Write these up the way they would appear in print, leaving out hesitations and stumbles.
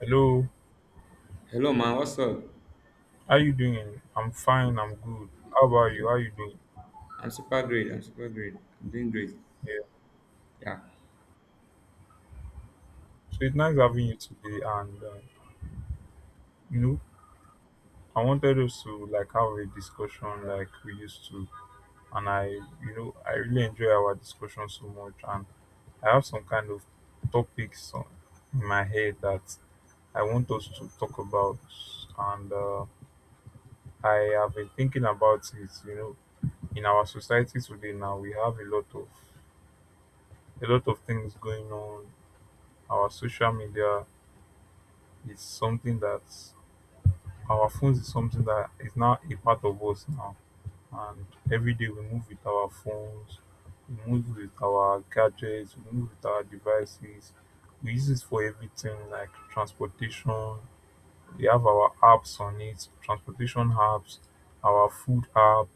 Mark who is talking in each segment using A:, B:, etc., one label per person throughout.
A: Hello,
B: Hello man, what's up?
A: how you doing? I'm fine, I'm good. How about you? How you doing?
B: I'm super great. I'm super great. I'm doing great.
A: Yeah.
B: Yeah.
A: So it's nice having you today, and you know, I wanted us to like have a discussion like we used to, and I, you know, I really enjoy our discussion so much, and I have some kind of topics on, in my head that I want us to talk about, and I have been thinking about it. You know, in our society today now, we have a lot of things going on. Our social media is something that, our phones is something that is now a part of us now. And every day we move with our phones, we move with our gadgets, we move with our devices. We use it for everything like transportation. We have our apps on it, transportation apps, our food apps,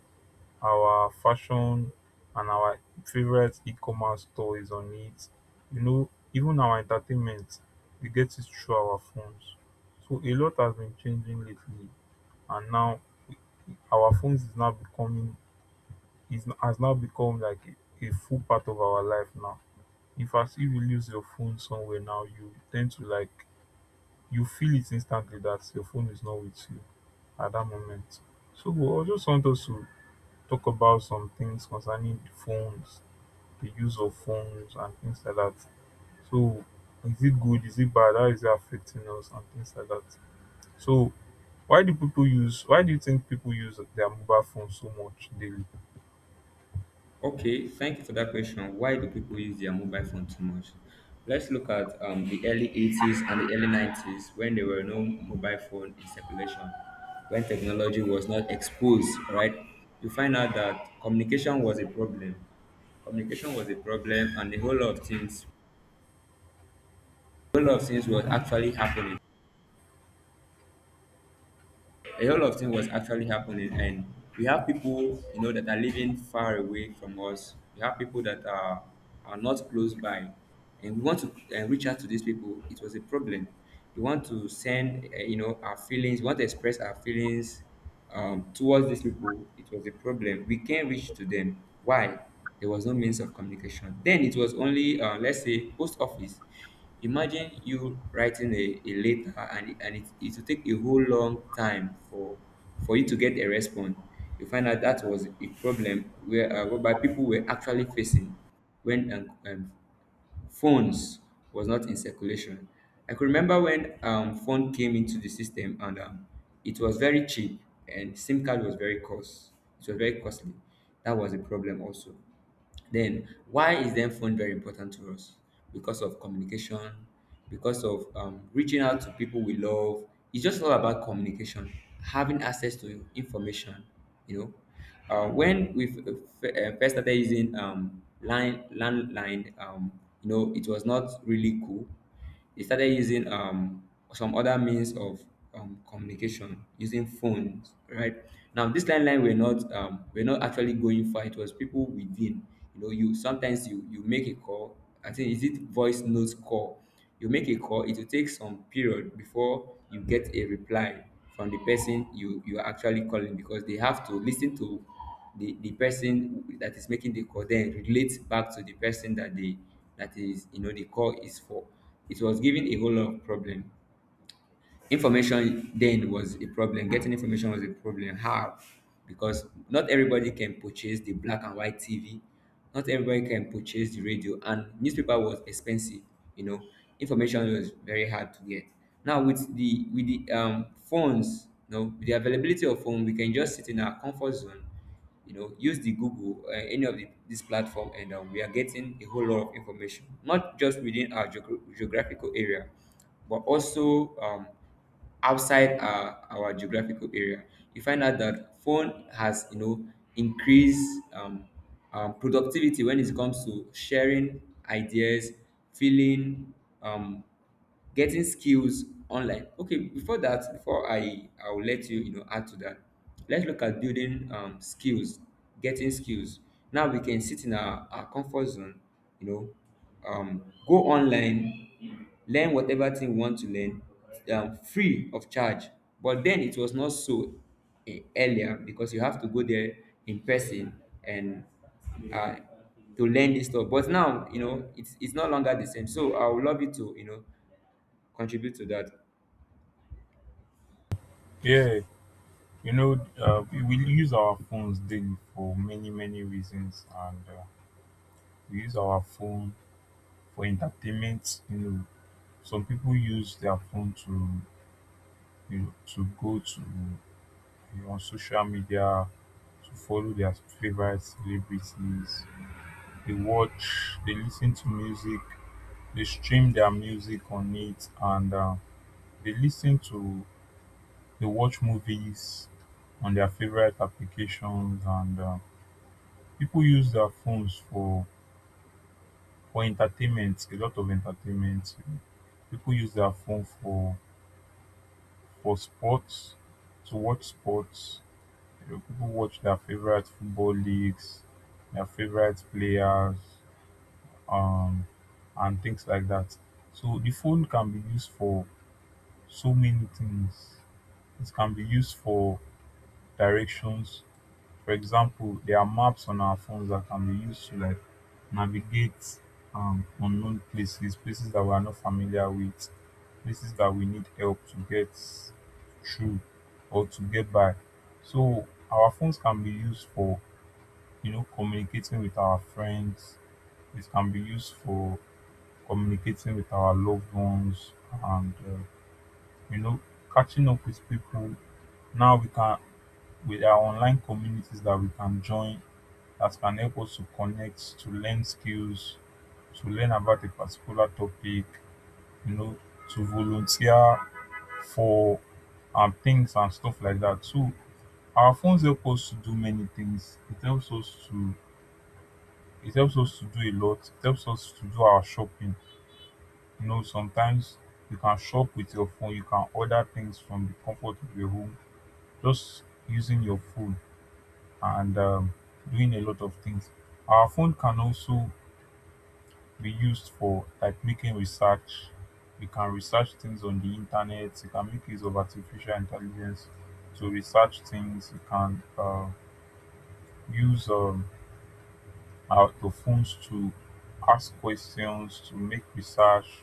A: our fashion, and our favorite e-commerce store is on it. You know, even our entertainment, we get it through our phones. So a lot has been changing lately, and now our phones is now becoming, is has now become like a full part of our life now. In fact, if you lose your phone somewhere now, you tend to like, you feel it instantly that your phone is not with you at that moment. So I just want us to talk about some things concerning the phones, the use of phones and things like that. So is it good, is it bad, how is it affecting us and things like that? So why do you think people use their mobile phones so much daily?
B: Okay, thank you for that question. Why do people use their mobile phone too much? Let's look at the early 80s and the early 90s when there were no mobile phone in circulation, when technology was not exposed, right? You find out that communication was a problem. Communication was a problem and a whole lot of things, a whole lot of things was actually happening. A whole lot of things was actually happening, and we have people, you know, that are living far away from us. We have people that are not close by, and we want to reach out to these people. It was a problem. We want to send, you know, our feelings. We want to express our feelings towards these people. It was a problem. We can't reach to them. Why? There was no means of communication. Then it was only, let's say, post office. Imagine you writing a letter, and, it will take a whole long time for you to get a response. You find out that was a problem where whereby people were actually facing when phones was not in circulation. I could remember when phone came into the system, and it was very cheap, and SIM card was very cost. It was very costly. That was a problem also. Then why is then phone very important to us? Because of communication, because of reaching out to people we love. It's just all about communication, having access to information, you know. When we first started using line landline, you know, it was not really cool. They started using some other means of communication using phones, right? Now, this landline were not, we're not actually going far. It was people within. You know, you sometimes you make a call. I think is it voice note call, you make a call, it will take some period before you get a reply from the person you are actually calling, because they have to listen to the person that is making the call, then relate back to the person that they that is, you know, the call is for. It was giving a whole lot of problem. Information then was a problem. Getting information was a problem. How? Because not everybody can purchase the black and white TV. Not everybody can purchase the radio, and newspaper was expensive. You know, information was very hard to get. Now with the phones, you know, with the availability of phone, we can just sit in our comfort zone, you know, use the Google, any of this platform, and we are getting a whole lot of information, not just within our geographical area, but also outside our geographical area. You find out that phone has, you know, increased productivity when it comes to sharing ideas, feeling, um, getting skills online. Okay, before that, before I'll let you know, add to that, let's look at building skills, getting skills. Now we can sit in our comfort zone, you know, go online, learn whatever thing we want to learn, free of charge. But then it was not so earlier, because you have to go there in person, and, uh, to learn this stuff. But now, you know, it's no longer the same. So I would love you to, you know, contribute to that?
A: Yeah, you know, we use our phones daily for many, many reasons, and we use our phone for entertainment. You know, some people use their phone to, you know, to go to, you know, on social media, to follow their favorite celebrities. They watch, they listen to music, they stream their music on it, and they listen to, they watch movies on their favorite applications. And people use their phones for entertainment, a lot of entertainment. People use their phone for sports, to watch sports. You know, people watch their favorite football leagues, their favorite players, um, and things like that. So the phone can be used for so many things. It can be used for directions. For example, there are maps on our phones that can be used to like navigate unknown places, places that we are not familiar with, places that we need help to get through or to get by. So our phones can be used for, you know, communicating with our friends. It can be used for communicating with our loved ones, and you know, catching up with people. Now we can, with our online communities that we can join, that can help us to connect, to learn skills, to learn about a particular topic, you know, to volunteer for things and stuff like that. So our phones help us to do many things. It helps us to do a lot. It helps us to do our shopping. You know, sometimes you can shop with your phone, you can order things from the comfort of your home just using your phone and doing a lot of things. Our phone can also be used for like making research. You can research things on the internet, you can make use of artificial intelligence to research things, you can use the phones to ask questions, to make research,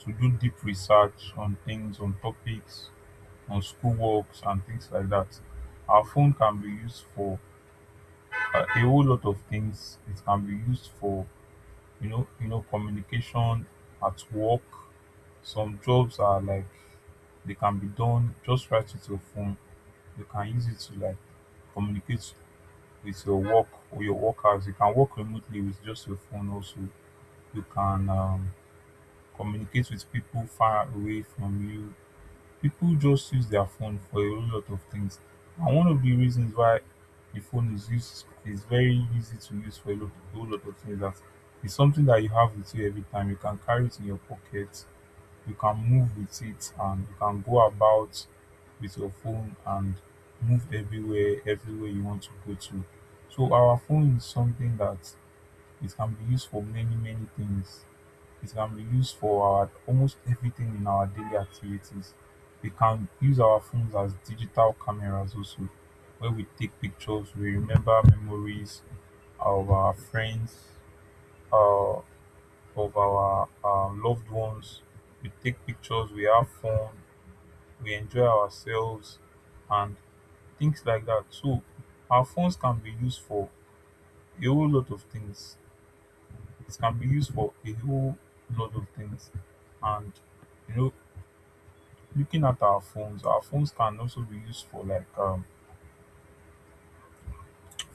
A: to do deep research on things, on topics, on schoolworks and things like that. Our phone can be used for a whole lot of things. It can be used for, you know, communication at work. Some jobs are like, they can be done just right with your phone. You can use it to like communicate with your work or your workers. You can work remotely with just your phone. Also, you can communicate with people far away from you. People just use their phone for a whole lot of things. And one of the reasons why the phone is used is very easy to use for a whole lot of things. That it's something that you have with you every time. You can carry it in your pocket, you can move with it, and you can go about with your phone and move everywhere, everywhere you want to go to. So our phone is something that it can be used for many, many things. It can be used for our almost everything in our daily activities. We can use our phones as digital cameras also, where we take pictures, we remember memories of our friends, uh, of our loved ones. We take pictures, we have fun, we enjoy ourselves, and things like that. So our phones can be used for a whole lot of things. It can be used for a whole lot of things, and, you know, looking at our phones can also be used for like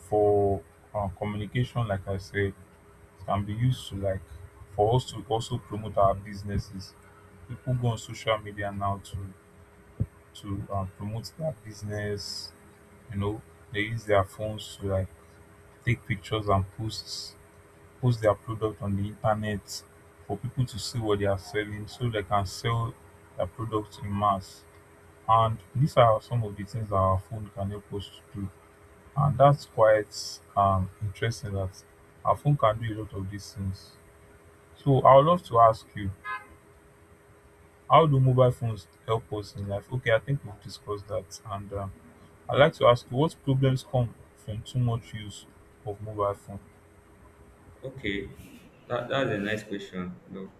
A: for communication. Like I said, it can be used to like for us to also promote our businesses. People go on social media now to promote their business. You know, they use their phones to like take pictures and post their product on the internet for people to see what they are selling, so they can sell their products in mass. And these are some of the things that our phone can help us to do. And that's quite interesting that our phone can do a lot of these things. So I would love to ask you, how do mobile phones help us in life? Okay, I think we've discussed that. And I'd like to ask you, what problems come from too much use of mobile phone?
B: Okay, that's a nice question. No.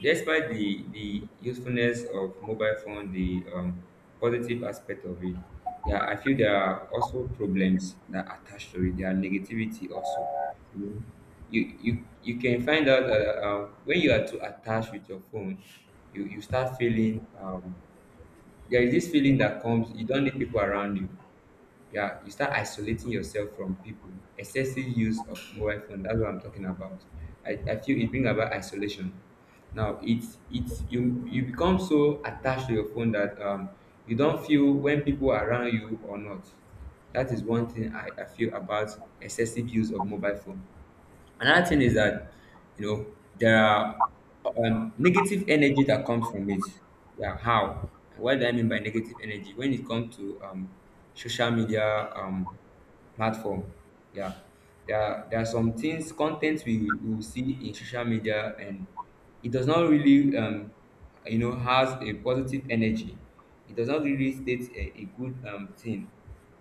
B: Despite the usefulness of mobile phone, the, positive aspect of it, yeah, I feel there are also problems that are attached to it. There are negativity also. You know, you can find out, when you are too attached with your phone, you start feeling, there is this feeling that comes. You don't need people around you. Yeah, you start isolating yourself from people. Excessive use of mobile phone, that's what I'm talking about. I feel it brings about isolation. Now it's you become so attached to your phone that you don't feel when people are around you or not. That is one thing I feel about excessive use of mobile phone. Another thing is that, you know, there are negative energy that comes from it. Yeah, how? What do I mean by negative energy? When it comes to social media platform, yeah, there are some things, contents we will see in social media, and it does not really, you know, has a positive energy. It does not really state a good thing,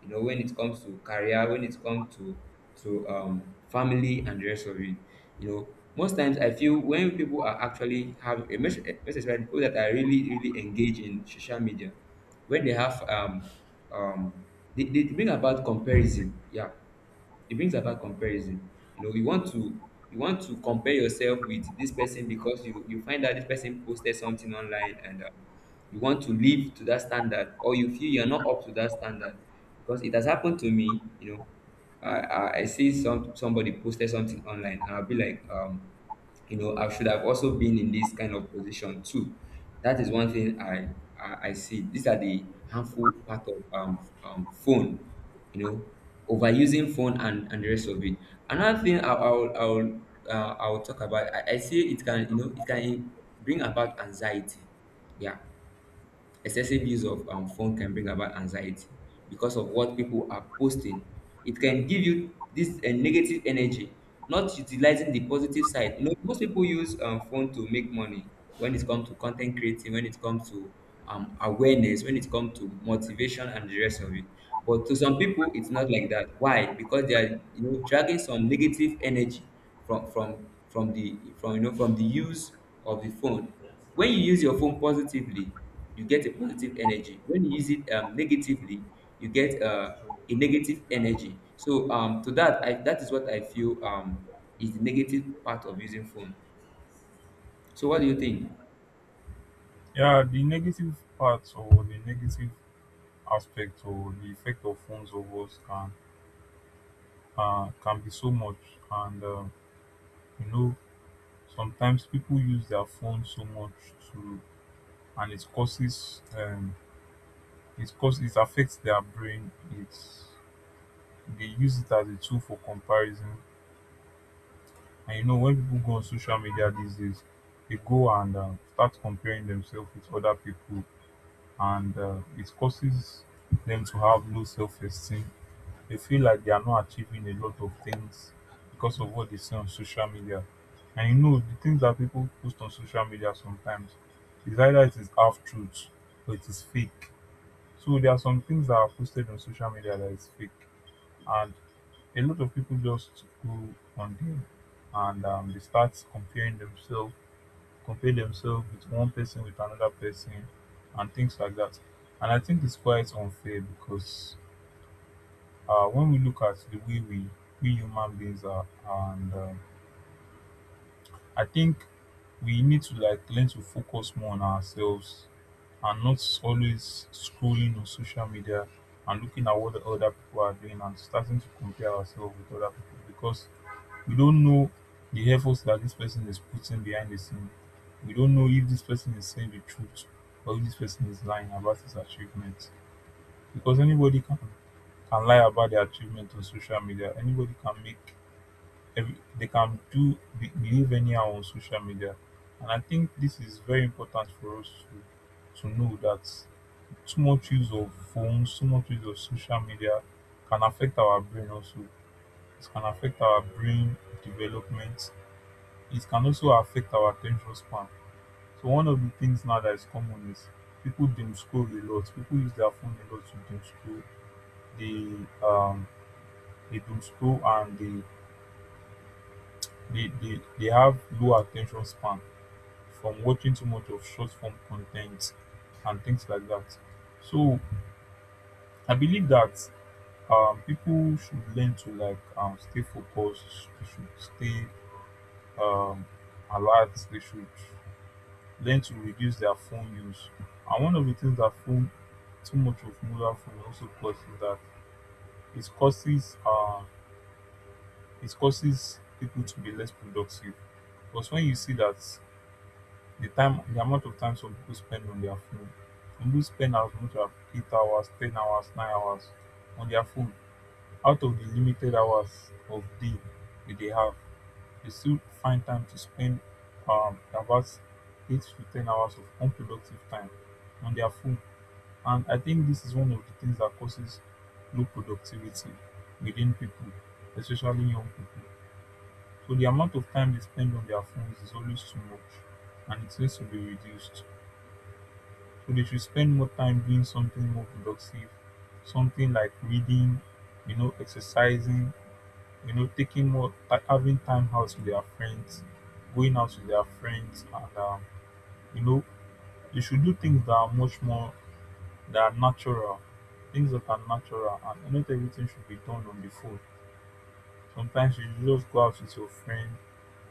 B: you know, when it comes to career, when it comes to um, family and the rest of it. You know, most times I feel when people are actually have a message, especially people that are really really engaged in social media, when they have um they bring about comparison. Yeah, e brings about comparison. You know, you want to compare yourself with this person, because you find out this person posted something online, and, you want to live to that standard, or you feel you're not up to that standard. Because it has happened to me, you know, I see somebody posted something online, and I'll be like, um, you know, I should have also been in this kind of position too. That is one thing I see. These are the harmful part of phone, you know, overusing phone and the rest of it. Another thing I'll talk about, I see it can, you know, it can bring about anxiety. Yeah. Excessive use of phone can bring about anxiety because of what people are posting. It can give you this, negative energy, not utilizing the positive side. You know, most people use phone to make money when it comes to content creating, when it comes to awareness, when it comes to motivation and the rest of it. But to some people, it's not like that. Why? Because they are, you know, dragging some negative energy from the from you know, from the use of the phone. When you use your phone positively, you get a positive energy. When you use it, negatively, you get, a negative energy. So, to that that is what I feel is the negative part of using phone. So what do you think?
A: Yeah, the negative parts or the negative aspect or the effect of phones over us can be so much. And you know, sometimes people use their phone so much to, and it causes, it affects their brain. It's They use it as a tool for comparison. And you know, when people go on social media these days, they go and start comparing themselves with other people, and it causes them to have low self esteem. They feel like they are not achieving a lot of things because of what they see on social media. And you know, the things that people post on social media sometimes is either it is half truth or it is fake. So there are some things that are posted on social media that is fake. And a lot of people just go on there and they start comparing themselves compare themselves with one person, with another person and things like that. And I think it's quite unfair, because when we look at the way we human beings are, and I think we need to like learn to focus more on ourselves and not always scrolling on social media and looking at what the other people are doing and starting to compare ourselves with other people, because we don't know the efforts that this person is putting behind the scene. We don't know if this person is saying the truth or if this person is lying about his achievements. Because anybody can lie about their achievement on social media. Anybody can make they can do behave anyhow on social media. And I think this is very important for us to know that too much use of phones, too much use of social media can affect our brain also. It can affect our brain development. It can also affect our attention span. So one of the things now that is common is people doom scroll a lot. People use their phone a lot to doom scroll. They doom scroll, and they have low attention span from watching too much of short form content and things like that. So I believe that people should learn to like stay focused, they should stay um alert, they should learn to reduce their phone use. And one of the things that too much of mobile phone also causes is that it causes uh, it causes people to be less productive. Because when you see that the amount of time some people spend on their phone, some people spend as much as 8 hours, 10 hours, 9 hours on their phone. Out of the limited hours of day that they have, they still find time to spend about 8 to 10 hours of unproductive time on their phone. And I think this is one of the things that causes low productivity within people, especially young people. So the amount of time they spend on their phones is always too much and it needs to be reduced. So they should spend more time doing something more productive, something like reading, exercising, taking having time out with their friends, going out with their friends, and you know, they should do things that are much more They are natural. Things that are natural, and not everything should be done on the phone. Sometimes you just go out with your friend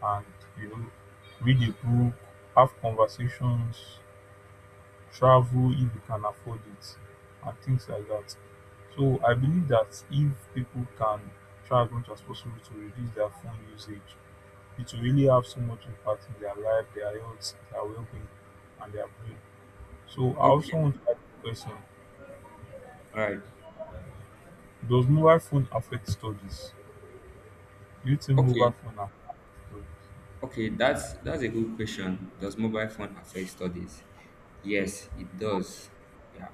A: and you know read a book, have conversations, travel if you can afford it, and things like that. So I believe that if people can try as much as possible to reduce their phone usage, it will really have so much impact in their life, their health, their well-being, and their brain. So I
B: Okay.
A: also want to ask the question:
B: All right.
A: does mobile phone affect studies? Using mobile
B: Okay.
A: phone and stories.
B: Okay, that's a good question. Does mobile phone affect studies? Yes, it does. Yeah.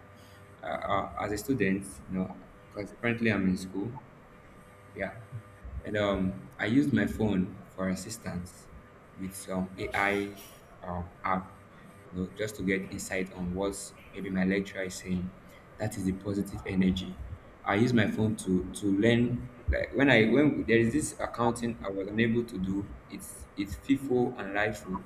B: As a student, you know, because currently I'm in school. Yeah. And I used my phone for assistance with some AI app, you know, just to get insight on what maybe my lecturer is saying. That is the positive energy. I use my phone to learn. Like when I, when there is this accounting I was unable to do. It's FIFO and LIFO.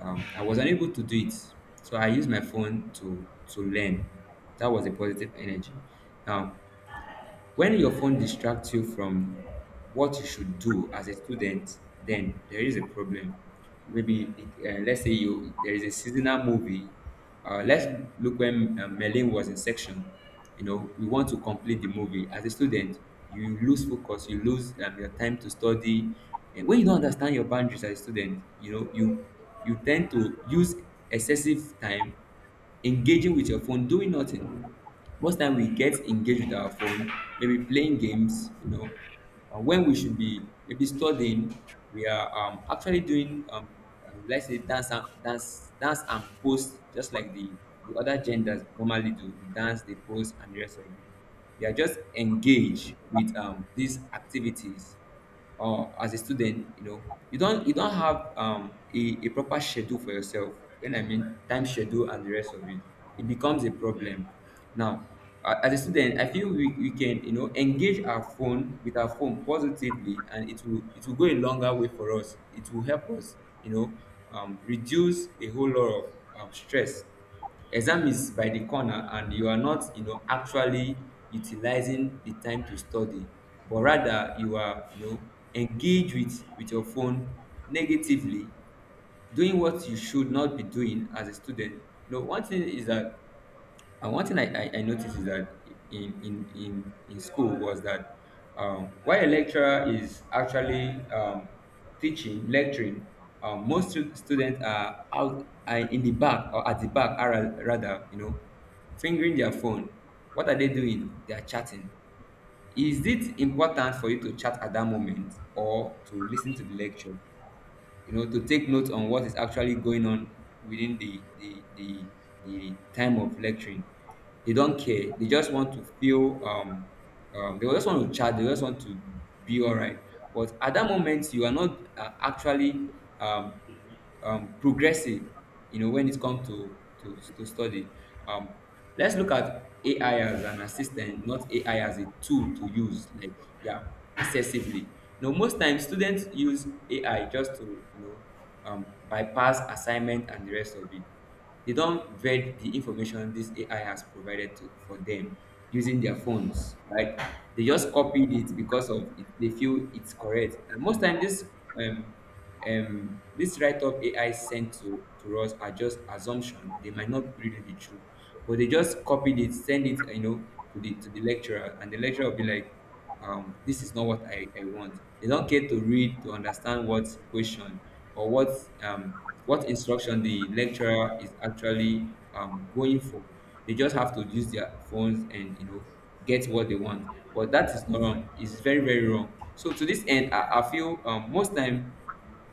B: I was unable to do it, so I used my phone to learn. That was a positive energy. Now, when your phone distracts you from what you should do as a student, then there is a problem. Maybe, let's say, you, there is a seasonal movie. Let's look when, Merlin was in section. You know, we want to complete the movie. As a student, you lose focus, you lose, your time to study. And when you don't understand your boundaries as a student, you know, you tend to use excessive time engaging with your phone, doing nothing. Most time we get engaged with our phone, maybe playing games, you know, when we should be maybe studying, we are, actually doing, let's say, dance and post, just like the other genders normally do. They dance, they post, and the rest of it. We are just engaged with, these activities. Or as a student, you know, you don't have, a proper schedule for yourself. When I mean time schedule and the rest of it, it becomes a problem. Now, as a student, I feel we can, you know, engage our phone with our phone positively, and it will go a longer way for us. It will help us, you know, reduce a whole lot of stress. Exam is by the corner and you are not actually utilizing the time to study, but rather you are engaged with your phone negatively, doing what you should not be doing as a student. You know, one thing is that, and one thing I noticed is that in school was that, while a lecturer is actually teaching, lecturing, most students are out, are in the back or at the back, are rather, you know, fingering their phone. What are they doing? They are chatting. Is it important for you to chat at that moment or to listen to the lecture, you know, to take note on what is actually going on within the time of lecturing? They don't care. They just want to feel they just want to chat, they just want to be all right. But at that moment you are not actually um, progressive, you know, when it comes to to study. um Let's look at AI as an assistant, not AI as a tool to use like, yeah, excessively. Now, most times students use AI just to bypass assignment and the rest of it. They don't vet the information this AI has provided to, for them, using their phones, right? They just copied it because of it, they feel it's correct. And most times this um, this write-up AI sent to us are just assumption, they might not really be true, but they just copied it, send it, you know, to the lecturer, and the lecturer will be like, this is not what I want. They don't care to read, to understand what question or um what instruction the lecturer is actually going for. They just have to use their phones and, you know, get what they want. But that is not wrong, it's very wrong. So to this end, I feel, most time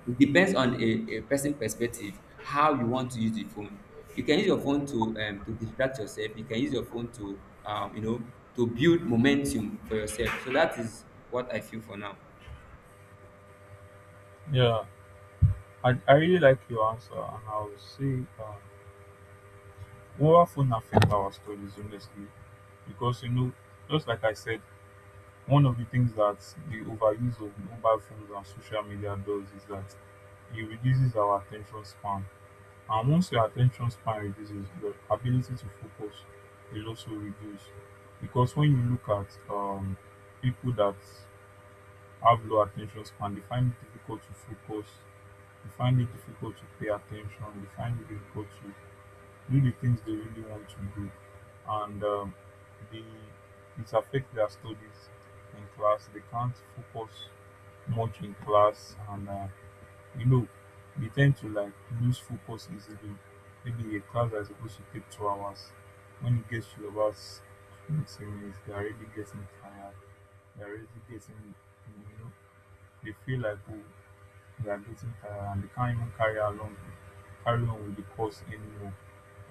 B: it depends on a person perspective, how you want to use the phone. You can use your phone to, to distract yourself. You can use your phone to, to build momentum for yourself. So that is what I feel for now.
A: Yeah, I really like your answer, and I would say um, mobile phone affect our stories honestly, because just like I said, one of the things that the overuse of mobile phones and social media does is that it reduces our attention span, and once your attention span reduces, your ability to focus will also reduce, because when you look at people that have low attention span, they find it difficult to focus, they find it difficult to pay attention, they find it difficult to do the things they really want to do, and they, it affects their studies in class. They can't focus much in class, and you know, they tend to like lose focus easily. Maybe a class that is supposed to take 2 hours, when it gets to about 20 minutes, they're already getting tired, they're already getting, you know, they feel like, oh, they are getting tired and they can't even carry on with the course anymore.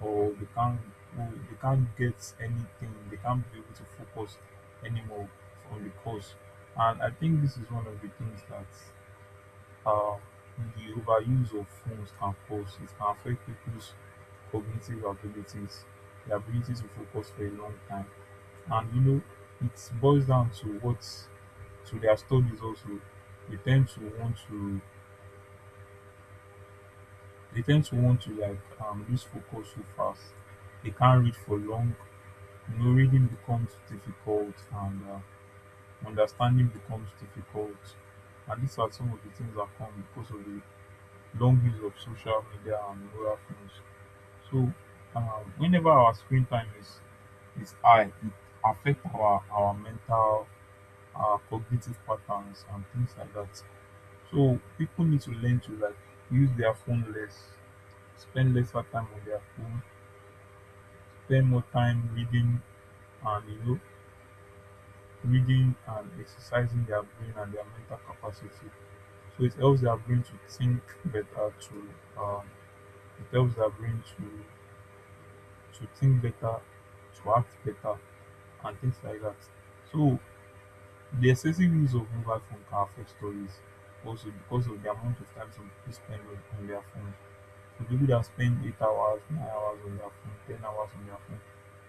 A: Or they can't get anything, they can't be able to focus anymore on the course. And I think this is one of the things that uh, the overuse of phones can cause. It can affect people's cognitive abilities, the ability to focus for a long time. And you know, it boils down to what to their studies also. They tend to want to They tend to want to like lose focus so fast. They can't read for long. You know, reading becomes difficult, and understanding becomes difficult. And these are some of the things that come because of the long use of social media and mobile phones. So, whenever our screen time is high, it affects our mental, our cognitive patterns and things like that. So people need to learn to like use their phone less, spend lesser time on their phone, spend more time reading, and you know, reading and exercising their brain and their mental capacity. So it helps their brain to think better, to um, it helps their brain to think better, to act better, and things like that. So the excessive use of mobile phone can affect stories also because of the amount of time some people spend on their phone. So people that spend 8 hours, 9 hours on their phone, 10 hours on their phone,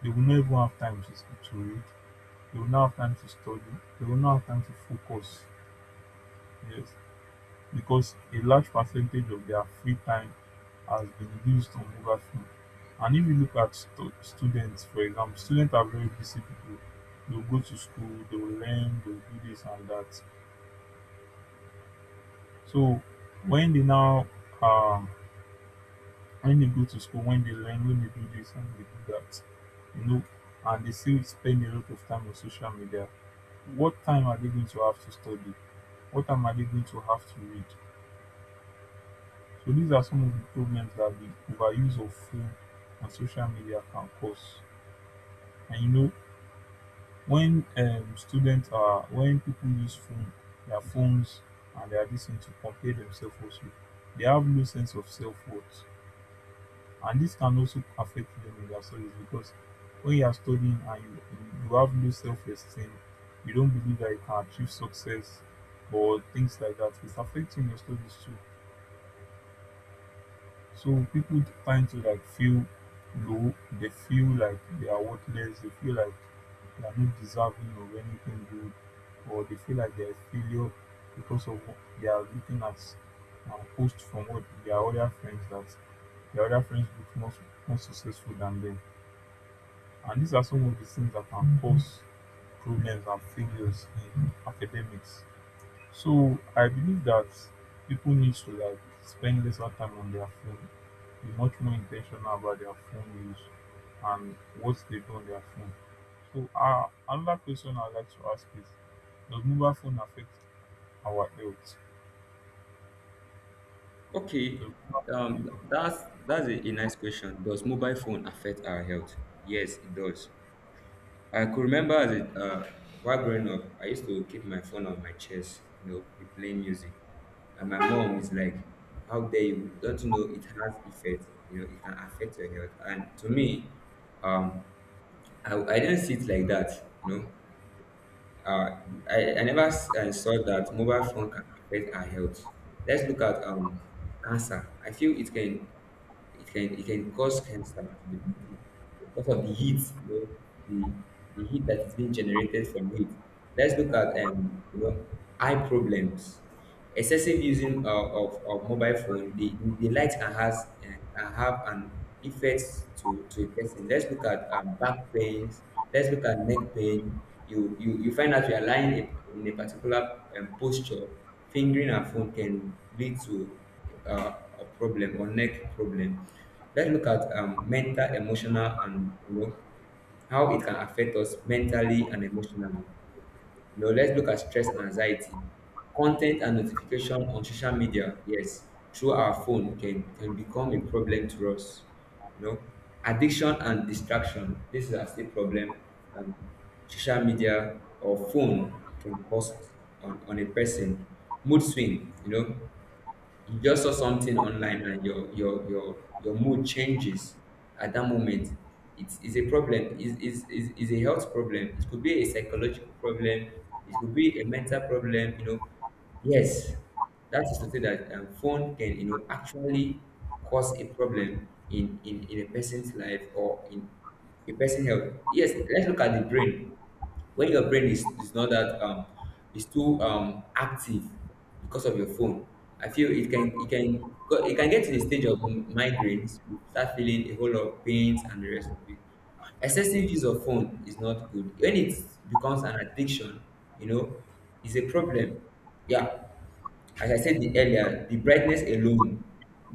A: they will not even have time to read. They will now have time to study. They will now have time to focus. Yes, because a large percentage of their free time has been used on mobile phone. And if you look at students, for example, students are very busy people. They'll go to school, they'll learn, they'll do this and that. So when they now um when they go to school, when they learn, when they do this and they do that, you know, and they still spend a lot of time on social media, what time are they going to have to study? What am I going to have to read? So these are some of the problems that the overuse of phone and social media can cause. And you know, when when people use phone, their phones, and they are listening to compare themselves also, they have no sense of self worth. And this can also affect them in their studies because when you are studying and you have no self esteem, you don't believe that you can achieve success or things like that, it's affecting your studies too. So people tend to like feel low, they feel like they are worthless, they feel like they are not deserving of anything good, or they feel like they're a failure because of what they are looking at, posts from what their other friends that their other friends look more successful than them. And these are some of the things that can cause problems and failures in academics. So I believe that people need to like spend lesser time on their phone, be much more intentional about their phone use and what they do on their phone. So another question I'd like to ask is, does mobile phone affect our health?
B: Okay.
A: Does mobile phone
B: um,
A: affect-
B: that's that's a nice question. Does mobile phone affect our health? Yes, it does. I could remember as it, while growing up, I used to keep my phone on my chest, you know, be playing music. And my mom is like, how dare you? Don't you know it has effect, you know, it can affect your health? And to me, um I didn't see it like that, you know. Uh, I never I saw that mobile phone can affect our health. Let's look at cancer. I feel it can, it can cause cancer to the body because of the heat, you know, the the heat that is being generated from it. Let's look at, eye problems. Excessive using, of mobile phone, the light can has, can have an effect to a person. Let's look at, back pains. Let's look at neck pain. You find out you are lying in a particular posture. Fingering a phone can lead to, a problem or neck problem. Let's look at, mental, emotional, and, you know, how it can affect us mentally and emotionally. You know, let's look at stress and anxiety. Content and notification on social media, yes, through our phone, can become a problem to us. You know, addiction and distraction. This is a still problem. Um, social media or phone can cause on a person. Mood swing, you know, you just saw something online and your mood changes at that moment. It's a problem. Is a health problem. It could be a psychological problem, it could be a mental problem, you know. Yes, that is to say that, phone can, you know, actually cause a problem in in a person's life, or in a person's health. Yes. Let's look at the brain. When your brain is not that is too active because of your phone, I feel it can, it can get to the stage of migraines. You start feeling a whole lot of pains and the rest of it. Excessive use of phone is not good when it becomes an addiction, you know. It's a problem. Yeah. As I said the earlier, the brightness alone,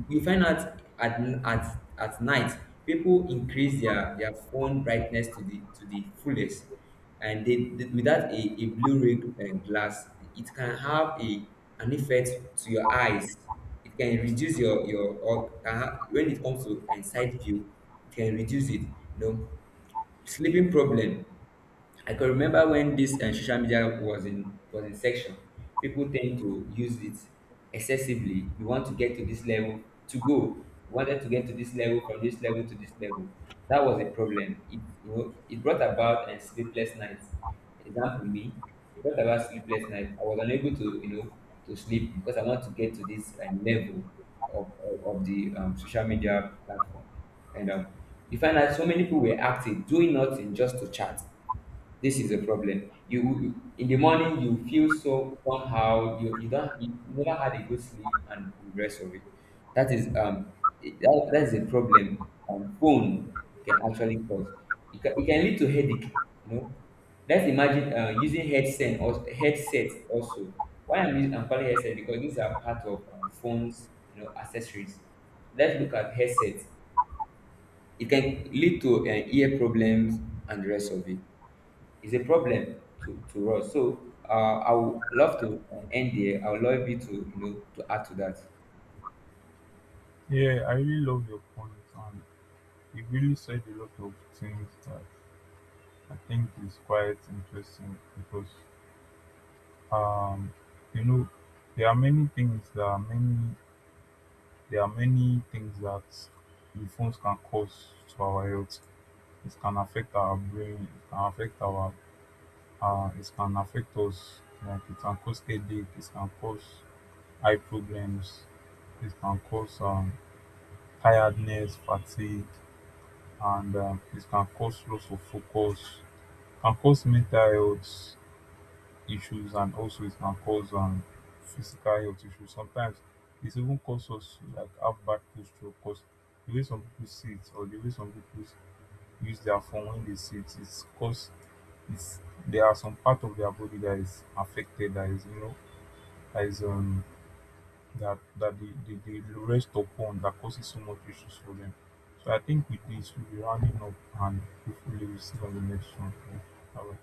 B: you find out at night people increase their phone brightness to the, to the fullest, and without a, a blue ray, glass, it can have a, an effect to your eyes. It can reduce your or when it comes to, side view, it can reduce it. You know, sleeping problem. I can remember when this, social media was in section, people tend to use it excessively. We want to get to this level to go. We wanted to get to this level from this level to this level. That was a problem. It, you know, it brought about, sleepless nights. Example me, it brought about sleepless nights. I was unable to, you know, to sleep because I want to get to this, level of the, social media platform. And, you find that so many people were active, doing nothing just to chat. This is a problem. You in the morning you feel so somehow, you don't, you never had a good sleep and the rest of it. That is that, that is a problem, phone can actually cause. It can lead to headache. You know, let's imagine, using headset or headsets also. Why I'm using, I'm calling headset, because these are part of, phones, you know, accessories. Let's look at headsets. It can lead to, ear problems and the rest of it. Is a problem to us. So, I would love to end there. I would love you to, you know, to add to that.
A: Yeah, I really love your point, and you really said a lot of things that I think is quite interesting because um you know there are many things, there are many things that the phones can cause to our health. It can affect our brain, it can affect our it can affect us, like it can cause headache, it can cause eye problems, it can cause tiredness, fatigue, and it can cause loss of focus, can cause mental health issues, and also it can cause physical health issues. Sometimes it even cause us to like have bad posture because the way some people sit or the way some people use their phone when they sit, it's cause it's there are some part of their body that is affected, that is you know, that is that that they, they rest upon, that causes so much issues for them. So I think with this we'll be rounding up, and hopefully we'll see you on the next one. Bye.